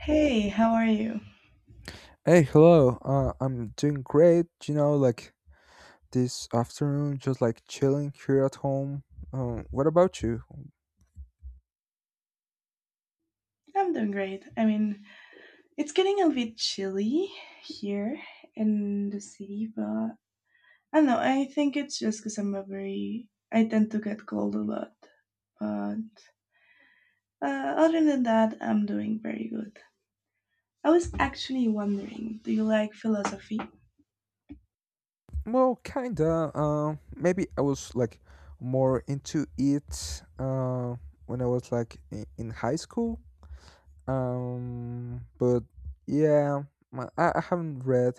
Hey, how are you? Hey, hello. I'm doing great. This afternoon, just chilling here at home. What about you? I'm doing great. I mean, it's getting a bit chilly here in the city, but I don't know. I think it's just because I'm a very. I tend to get cold a lot. But uh, other than that, I'm doing very good. I was actually wondering, do you like philosophy? Well, kinda. Maybe I was like more into it. When I was like in high school. But yeah, I haven't read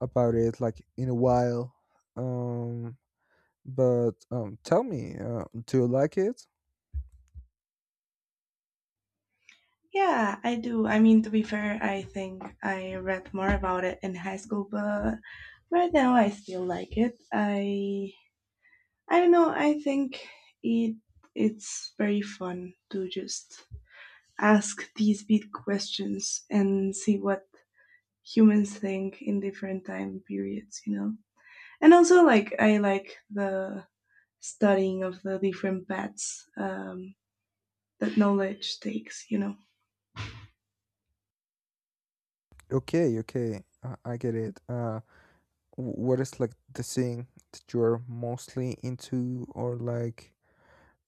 about it like in a while. Um, but Tell me, do you like it? Yeah, I do. I mean, to be fair, I think I read more about it in high school, but right now I still like it. I don't know. I think it it's very fun to just ask these big questions and see what humans think in different time periods, you know. And also, like I like the studying of the different paths, that knowledge takes, you know. Okay, okay, I get it. What is like the thing that you're mostly into, or like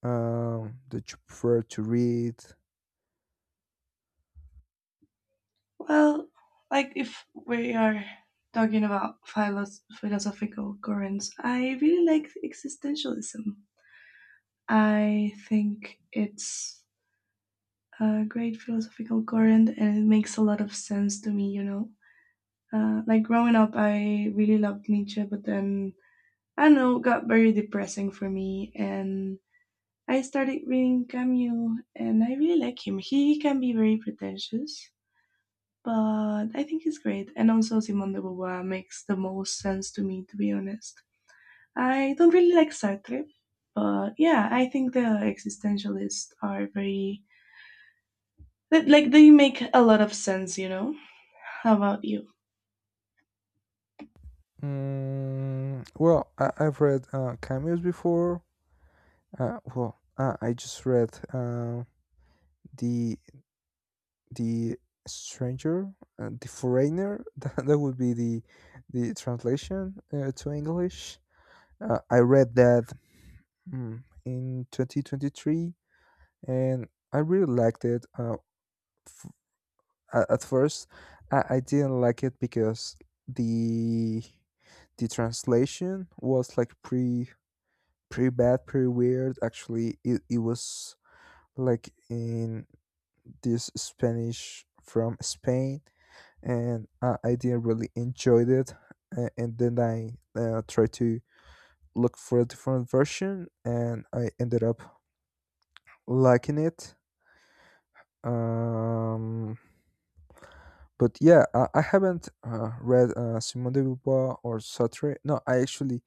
um that you prefer to read? Well, like if we are talking about philosophical currents, I really like existentialism. I think it's a great philosophical current and it makes a lot of sense to me, you know. Like growing up, I really loved Nietzsche, but then I don't know, got very depressing for me. And I started reading Camus and I really like him. He can be very pretentious, but I think he's great. And also Simone de Beauvoir makes the most sense to me, to be honest. I don't really like Sartre, but yeah, I think the existentialists are very like they make a lot of sense, you know. How about you? Well, I've read Cameos before. I just read, the the Stranger, the Foreigner that, that would be the translation to English. I read that, in 2023, and I really liked it. At first, I didn't like it because the the translation was like pretty, pretty bad, pretty weird actually. It was like in this Spanish from Spain, and I didn't really enjoy it. And then I tried to look for a different version, and I ended up liking it. Um, But yeah, I haven't read, Simone de Beauvoir or Sartre. No, I actually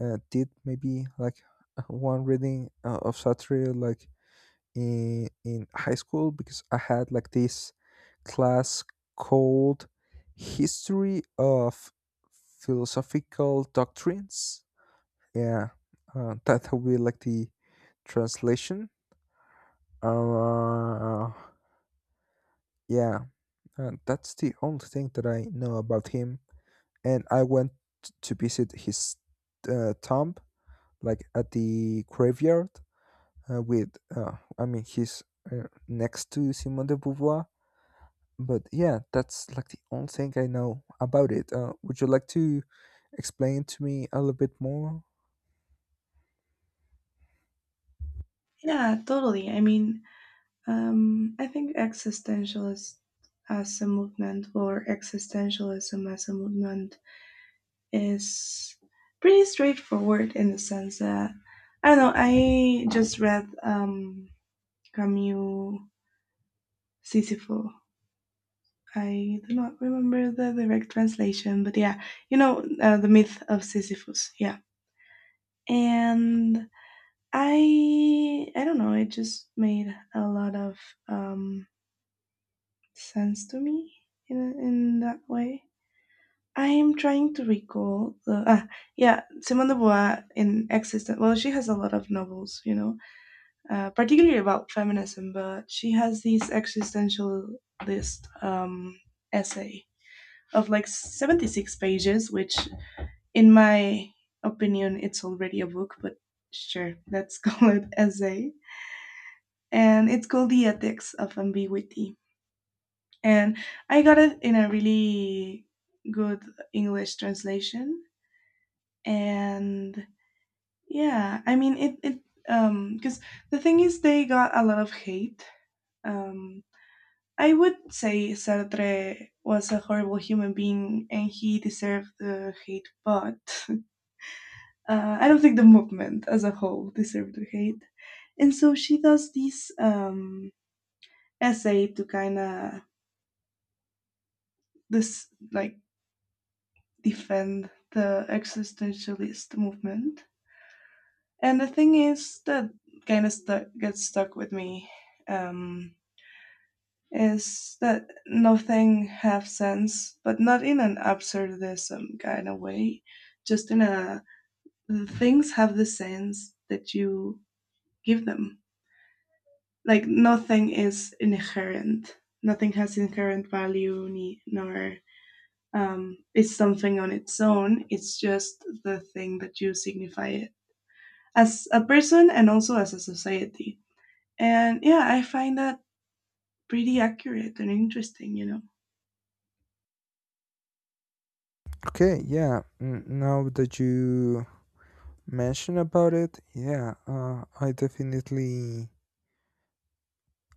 did maybe like one reading of Sartre like in high school, because I had like this class called History of Philosophical Doctrines. Yeah, that will be like the translation. Uh, yeah, that's the only thing that I know about him, and I went to visit his tomb, like at the graveyard, with I mean, he's next to Simone de Beauvoir. But yeah, that's like the only thing I know about it. Would you like to explain to me a little bit more? Yeah, totally. I mean, I think existentialist as a movement or existentialism as a movement is pretty straightforward in the sense that I don't know. I just read, Camus Sisyphus. I do not remember the direct translation, but yeah, you know, the myth of Sisyphus. Yeah, and I don't know. It just made a lot of, um, sense to me in that way. I am trying to recall the yeah Simone de Beauvoir in existence. Well, she has a lot of novels, you know, particularly about feminism, but she has these existentialist, essay of like 76 pages, which in my opinion it's already a book, but sure, let's call it essay, and it's called the ethics of ambiguity, and I got it in a really good English translation. And yeah, I mean it. Because the thing is, they got a lot of hate. Um, I would say Sartre was a horrible human being, and he deserved the hate. But I don't think the movement as a whole deserved the hate. And so she does this essay to kind of this like defend the existentialist movement. And the thing is that kind of gets stuck with me. Um, is that nothing have sense, but not in an absurdism kind of way, just in a things have the sense that you give them. Like nothing is inherent. Nothing has inherent value, nor, is something on its own. It's just the thing that you signify it as a person and also as a society. And yeah, I find that pretty accurate and interesting, you know. Okay, yeah. Now that you mention about it, yeah, I definitely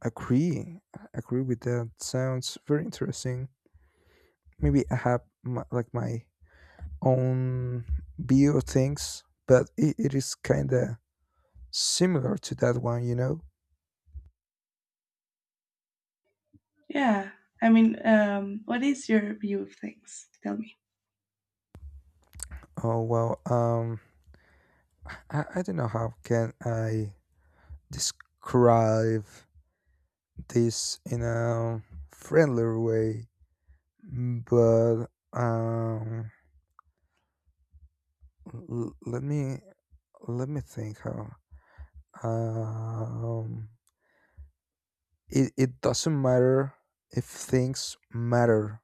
agree. Agree with that. Sounds very interesting. Maybe I have my, like my own video things, but it is kind of similar to that one, you know? Yeah. I mean, what is your view of things? Tell me. Oh, well, I don't know how can I describe this in a friendlier way, but um, let me, let me think how. Um, it doesn't matter if things matter,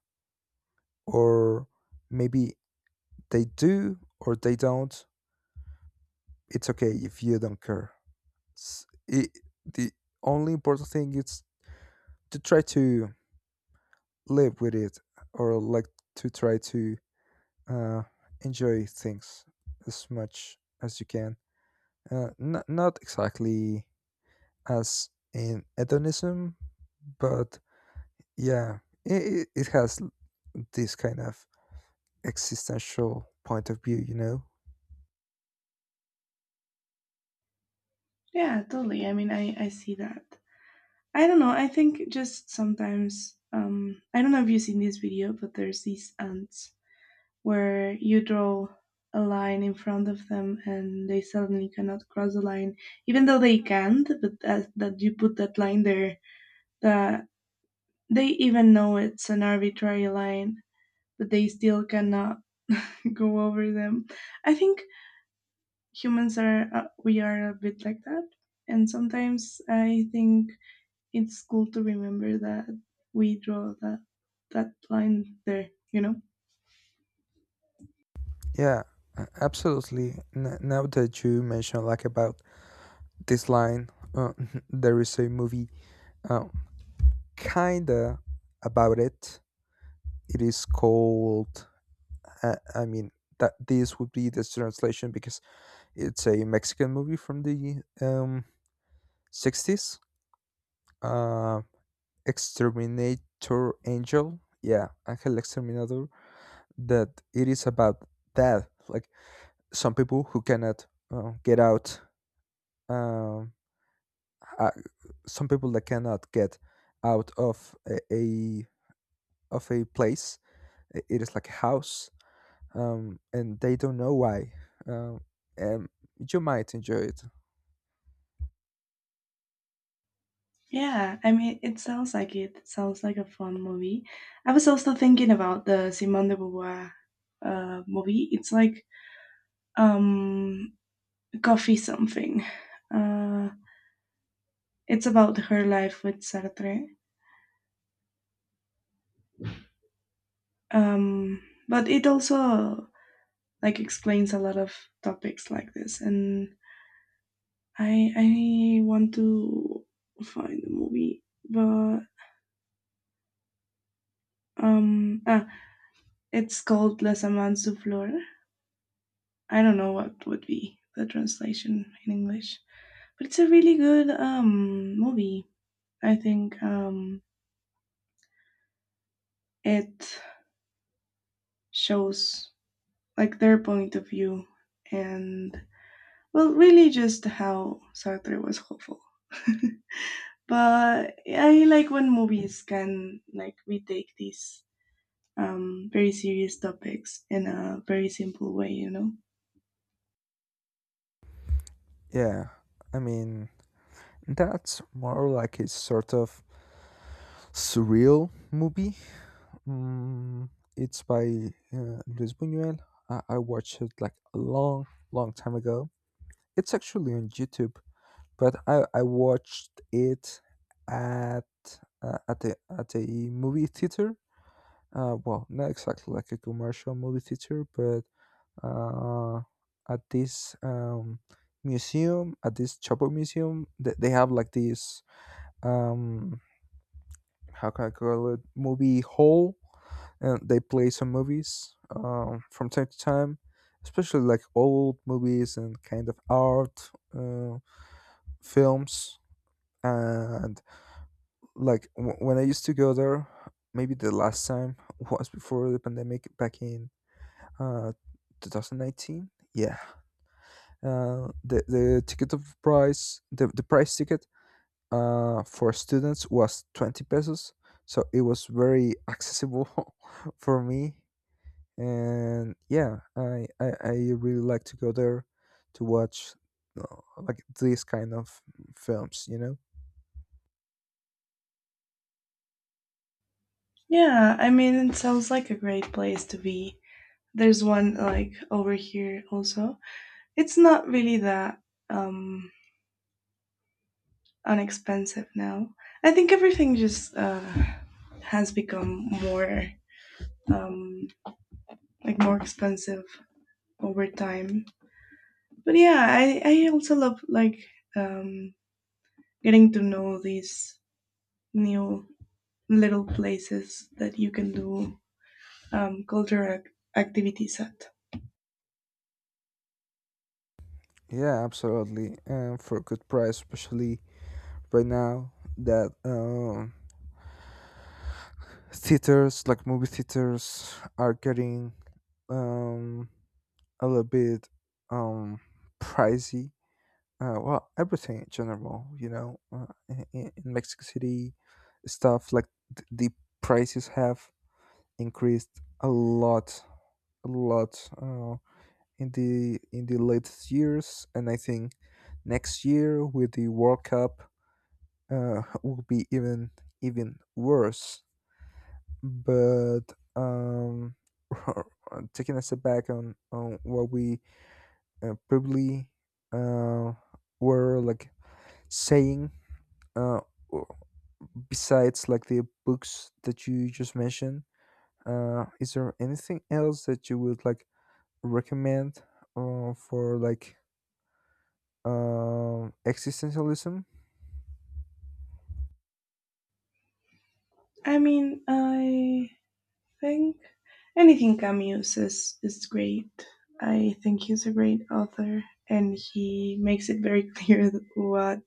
or maybe they do or they don't. It's okay if you don't care. It, the only important thing is to try to live with it, or like to try to uh, enjoy things as much as you can. Not exactly as in hedonism, but yeah, it has this kind of existential point of view, you know? Yeah, totally. I mean, I see that. I don't know. I think just sometimes, I don't know if you've seen this video, but there's these ants where you draw a line in front of them and they suddenly cannot cross the line, even though they can't, but that, that you put that line there, that they even know it's an arbitrary line, but they still cannot go over them. I think humans are, we are a bit like that and sometimes I think it's cool to remember that we draw that line there, you know. Yeah, absolutely. Now that you mention like about this line. Uh, there is a movie uh, kinda about it. It is called. I mean, that, this would be the translation, because it's a Mexican movie from the 60s. Uh, Exterminator Angel. Yeah, Angel Exterminator. That it is about that. Like some people who cannot get out. Um, uh, some people that cannot get out of a of a place. It is like a house, and they don't know why. Um, and you might enjoy it. Yeah, I mean it sounds like it sounds like a fun movie. I was also thinking about the Simone de Beauvoir, movie. It's like, um Coffee Something. Uh, it's about her life with Sartre. Um, but it also like explains a lot of topics like this and I want to find the movie, but um ah it's called Les Amants du Fleur. I don't know what would be the translation in English. But it's a really good movie. I think it shows like their point of view and well, really just how Sartre was hopeful. But yeah, I like when movies can like we take these very serious topics in a very simple way, you know. Yeah, I mean, that's more like a sort of surreal movie. Mm, it's by Luis Buñuel. I watched it like a long, long time ago. It's actually on YouTube, but I watched it at at a movie theater. Well, not exactly like a commercial movie theater, but uh, at this museum, at this Chapo Museum. They have like this um, how can I call it, movie hall, and they play some movies from time to time, especially like old movies and kind of art uh, films. And like when I used to go there, maybe the last time was before the pandemic, back in Uh, 2019. Yeah. The ticket of price the price ticket for students was 20 pesos, so it was very accessible for me. And yeah, I really like to go there to watch like these kind of films, you know. Yeah, I mean it sounds like a great place to be. There's one like over here also. It's not really that um unexpensive now. I think everything just has become more, um like more expensive over time. But yeah, I also love like, um getting to know these new little places that you can do cultural activities at. Yeah, absolutely. And for a good price, especially right now, that theaters, like movie theaters, are getting um a little bit um pricey. Well, everything in general, you know, in Mexico City. Stuff like the prices have increased a lot, a lot uh, in the latest years, and I think next year with the World Cup will be even, even worse. But um taking a step back on what we probably uh were like saying, uh w- besides like the books that you just mentioned, is there anything else that you would like recommend, for like existentialism? I mean, I think. Anything Camus is great. I think he's a great author, and he makes it very clear what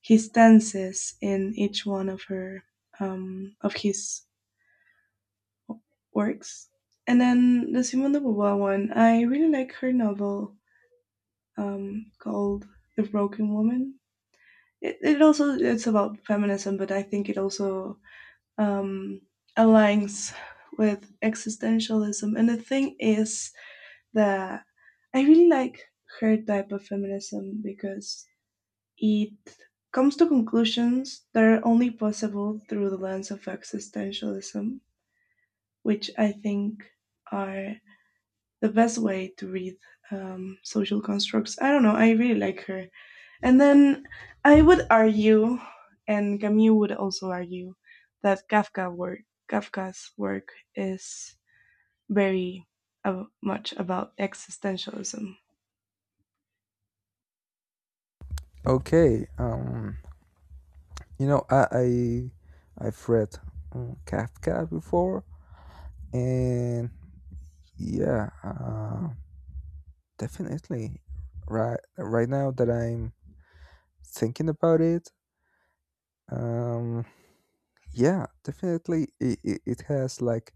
his stance is in each one of her of his works. And then the Simone de Beauvoir one, I really like her novel, called The Broken Woman. It also it's about feminism, but I think it also, um, aligns with existentialism. And the thing is, that I really like her type of feminism because it comes to conclusions that are only possible through the lens of existentialism, which I think are the best way to read, social constructs. I don't know, I really like her. And then I would argue, and Camus would also argue, that Kafka's work is very, much about existentialism. Okay, you know, I've read Kafka before, and yeah, definitely. Right, right now that I'm thinking about it, um, yeah, definitely it has like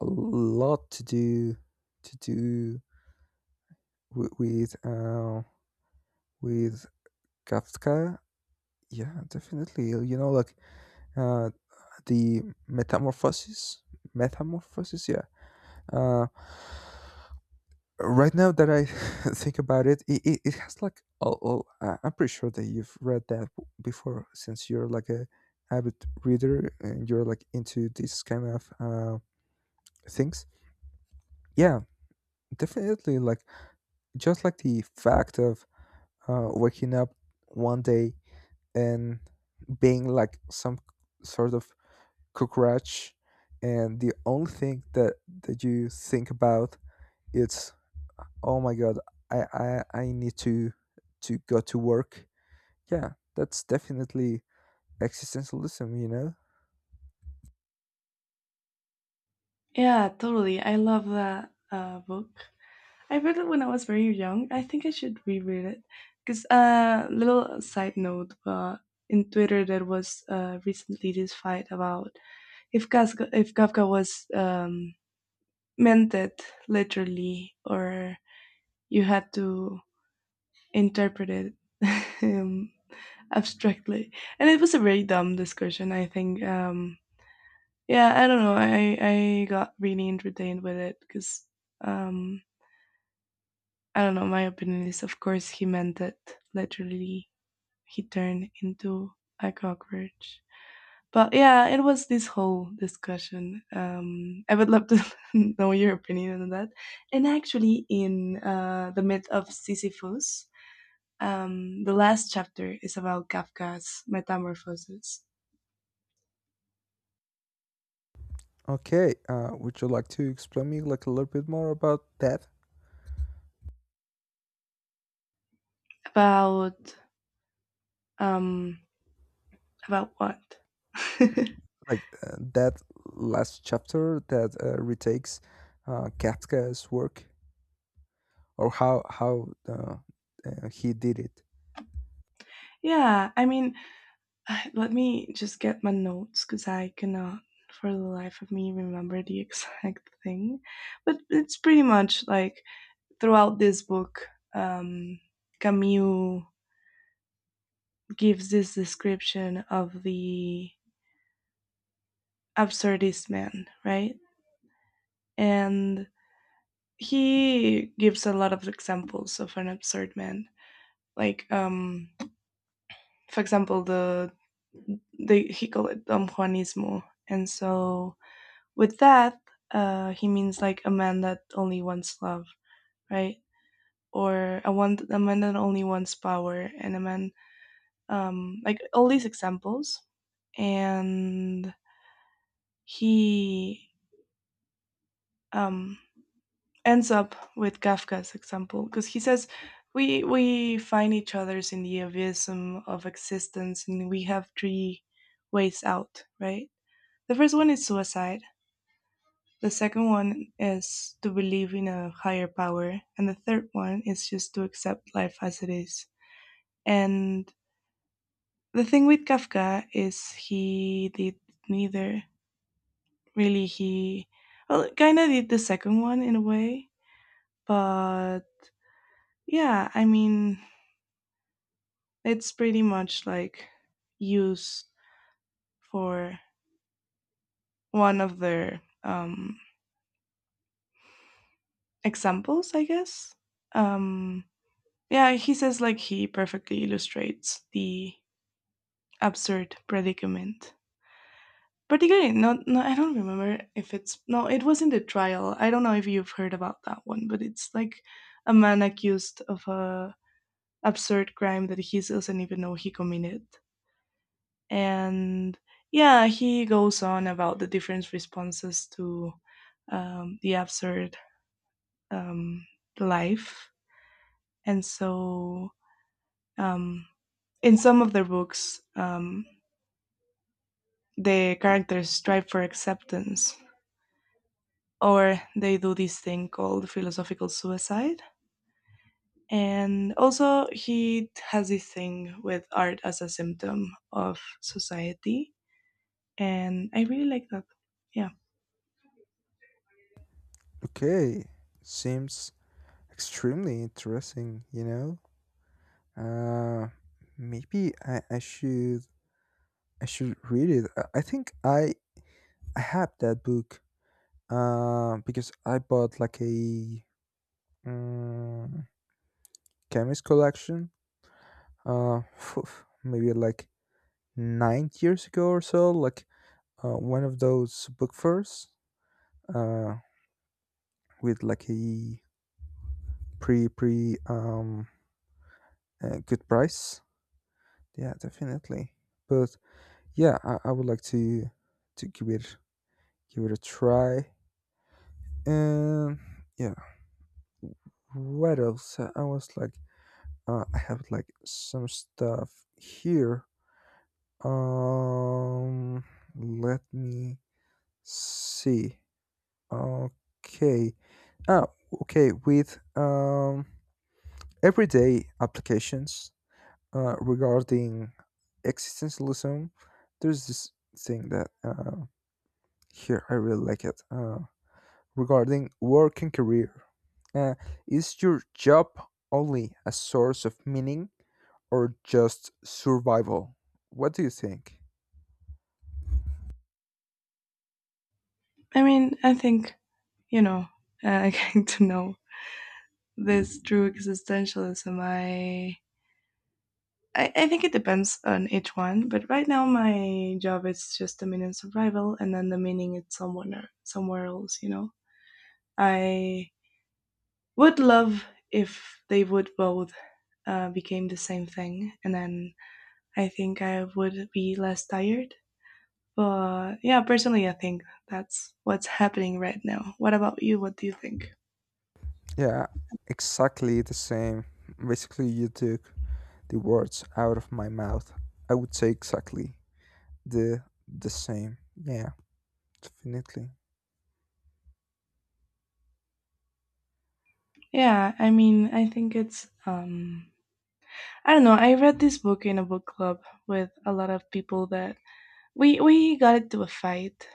a lot to do, to do with, with Kafka. Yeah, definitely. You know, like uh the Metamorphosis, Metamorphosis. Yeah. Uh, right now that I think about it, it has like all, all. I'm pretty sure that you've read that before, since you're like a avid reader, and you're like into these kind of things. Yeah, definitely. Like just like the fact of waking up one day and being like some sort of cockroach, and the only thing that you think about it's, oh my god, I need to go to work. Yeah, that's definitely existentialism, you know. Yeah, totally. I love that, book. I read it when I was very young. I think I should reread it. Because, little side note, but in Twitter there was, recently this fight about if Kafka was, meant it literally or you had to interpret it um, abstractly. And it was a very dumb discussion, I think. Yeah, I don't know. I got really entertained with it because. Um, I don't know. My opinion is, of course, he meant it literally, he turned into a cockroach. But yeah, it was this whole discussion. I would love to know your opinion on that. And actually, in, the myth of Sisyphus, the last chapter is about Kafka's metamorphosis. Okay, would you like to explain me like a little bit more about that? About, um, what? Like that last chapter that retakes, Kafka's work, or how he did it. Yeah, I mean, let me just get my notes because I cannot for the life of me remember the exact thing. But it's pretty much like throughout this book, um, Camus gives this description of the absurdist man, right? And he gives a lot of examples of an absurd man. Like, for example, the he called it Don Juanismo. And so with that, he means like a man that only wants love, right? Or a man that only wants power, and a man, like all these examples. And he, um, ends up with Kafka's example because he says we find each other's in the abyssum of existence, and we have three ways out, right? The first one is suicide. The second one is to believe in a higher power. And the third one is just to accept life as it is. And the thing with Kafka is he did neither. Really, he well, kind of did the second one in a way. But yeah, I mean, it's pretty much like used for one of their, examples, I guess. Um, yeah, he says like he perfectly illustrates the absurd predicament. Particularly, no, no, I don't remember if it's no, it was in the trial. I don't know if you've heard about that one, but it's like a man accused of a absurd crime that he doesn't even know he committed, and yeah, he goes on about the different responses to, the absurd, um, life, and so, um, in some of their books, the characters strive for acceptance or they do this thing called philosophical suicide. And also, he has this thing with art as a symptom of society. And I really like that. Yeah. Okay, seems extremely interesting. You know, maybe I should, I should read it. I think I have that book, because I bought like a um, chemist collection, uh, phew, maybe like 9 years ago or so, like one of those book fairs, uh, with like a pre pre good price. Yeah, definitely. But yeah, I would like to give it, give it a try. And yeah, what else? I was like, I have like some stuff here. Um, Let me see. Okay. Ah, okay. With everyday applications regarding existentialism, there's this thing that here I really like it. Regarding work and career, uh, is your job only a source of meaning, or just survival? What do you think? I mean, I think, you know, getting to know this true existentialism, I think it depends on each one. But right now, my job is just the meaning survival, and then the meaning is somewhere, somewhere else, you know? I would love if they would both, became the same thing, and then I think I would be less tired. But yeah, personally, I think that's what's happening right now. What about you? What do you think? Yeah, exactly the same. Basically, you took the words out of my mouth. I would say exactly the same. Yeah, definitely. Yeah, I mean, I think it's, I don't know. I read this book in a book club with a lot of people that we got into a fight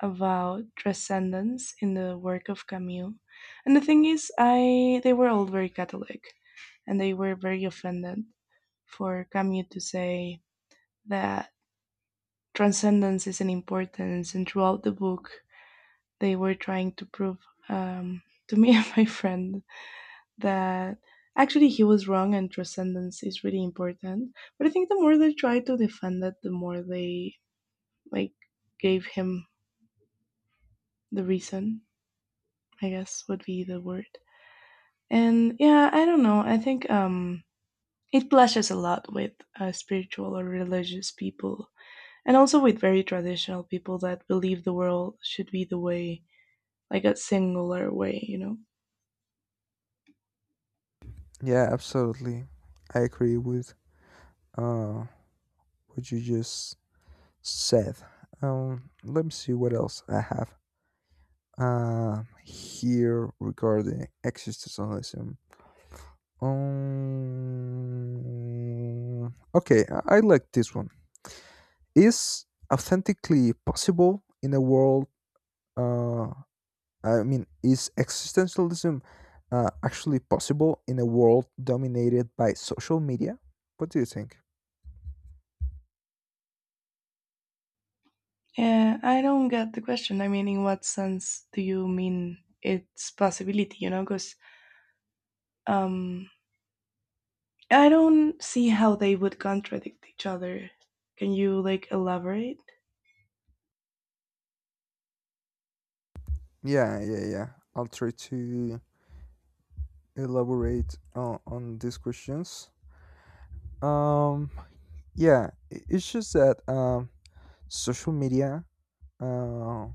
about transcendence in the work of Camus. And the thing is, I they were all very Catholic, and they were very offended for Camus to say that transcendence is an importance, and throughout the book, they were trying to prove, um, to me and my friend that actually he was wrong and transcendence is really important. But I think the more they tried to defend it, the more they like gave him the reason, I guess would be the word. And yeah, I don't know. I think, it clashes a lot with, spiritual or religious people and also with very traditional people that believe the world should be the way like a singular way, you know. Yeah, absolutely. I agree with uh what you just said. Let me see what else I have here regarding existentialism. Okay, I like this one. Is authentically possible in a world? Uh, I mean, is existentialism actually possible in a world dominated by social media? What do you think? Yeah, I don't get the question. I mean, in what sense do you mean it's possibility, you know? Because, um, I don't see how they would contradict each other. Can you, like, elaborate? Yeah, yeah, yeah. I'll try to elaborate on these questions. Um, yeah, it's just that, social media uh,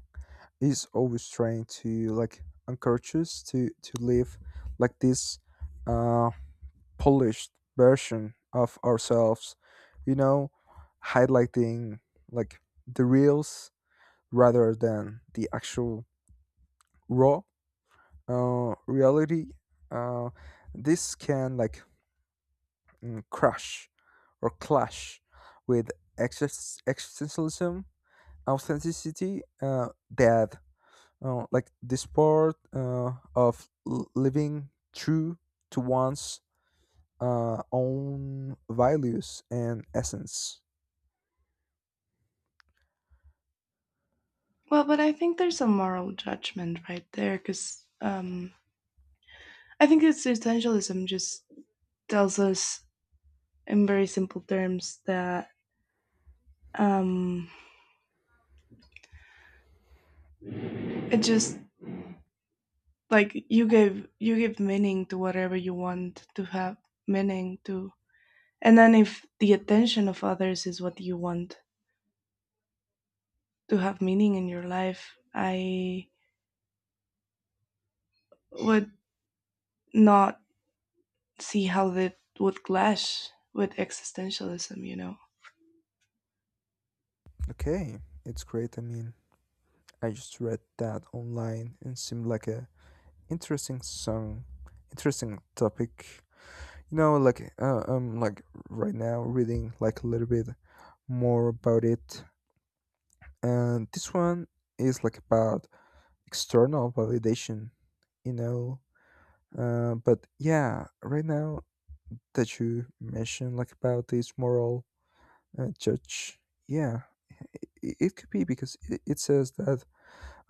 is always trying to like encourage us to live like this uh polished version of ourselves, you know, highlighting like the reels rather than the actual raw reality. uh this can like, crash, or clash with existentialism authenticity, that like this part of living true to one's own values and essence. Well, but I think there's a moral judgment right there because, I think it's essentialism just tells us in very simple terms that um it just like you give meaning to whatever you want to have meaning to, and then if the attention of others is what you want to have meaning in your life, I would not see how that would clash with existentialism, you know? Okay, it's great. I mean, I just read that online and seemed like a interesting song, interesting topic. You know, like I'm like right now reading like a little bit more about it, and this one is like about external validation. You know. But yeah, right now that you mentioned like about this moral judge, yeah, it could be because it says that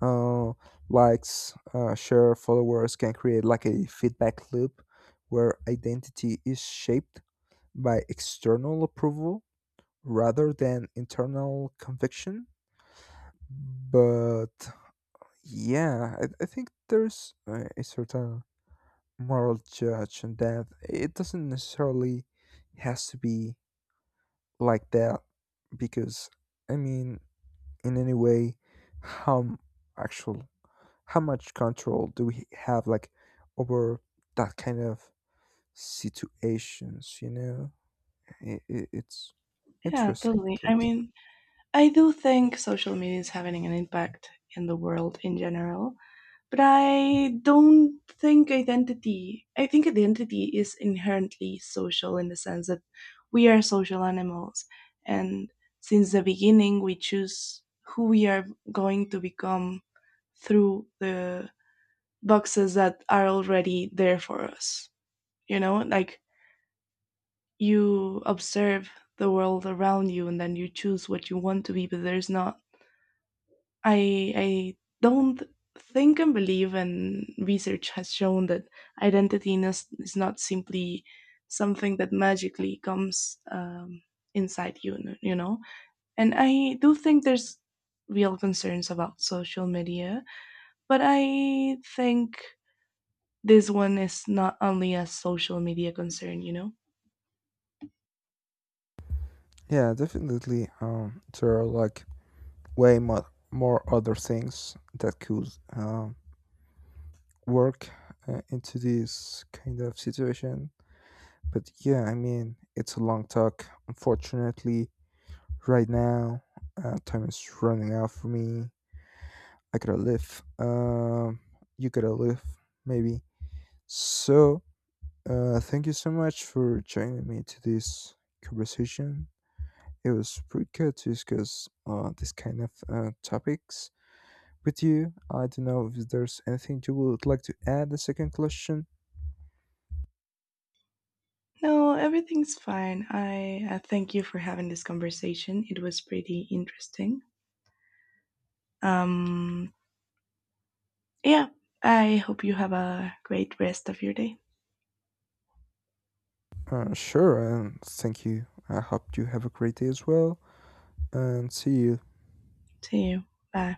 uh, likes, share, followers can create like a feedback loop where identity is shaped by external approval rather than internal conviction. But yeah, I think there's a certain moral judge, and that it doesn't necessarily has to be like that, because I mean, in any way, how m- actual, how much control do we have like over that kind of situations, you know? I It's Yeah, interesting, totally. at I least. mean, I do think social media is having an impact in the world in general. But I don't think identity, I think identity is inherently social in the sense that we are social animals. And since the beginning, we choose who we are going to become through the boxes that are already there for us. You know, like you observe the world around you and then you choose what you want to be, but there's not I I don't think and believe, and research has shown that identity is not simply something that magically comes, inside you, you know. And I do think there's real concerns about social media, but I think this one is not only a social media concern, you know. Yeah, definitely, there are like way more, more other things that could um work into this kind of situation. But yeah, I mean, it's a long talk. Unfortunately, right now, time is running out for me. I gotta live. You gotta live, maybe. So, thank you so much for joining me to this conversation. It was pretty good to discuss this kind of topics with you. I don't know if there's anything you would like to add. The second question. No, everything's fine. I thank you for having this conversation. It was pretty interesting. Um, Yeah, I hope you have a great rest of your day. Sure, and thank you. I hope you have a great day as well, and see you See you. Bye.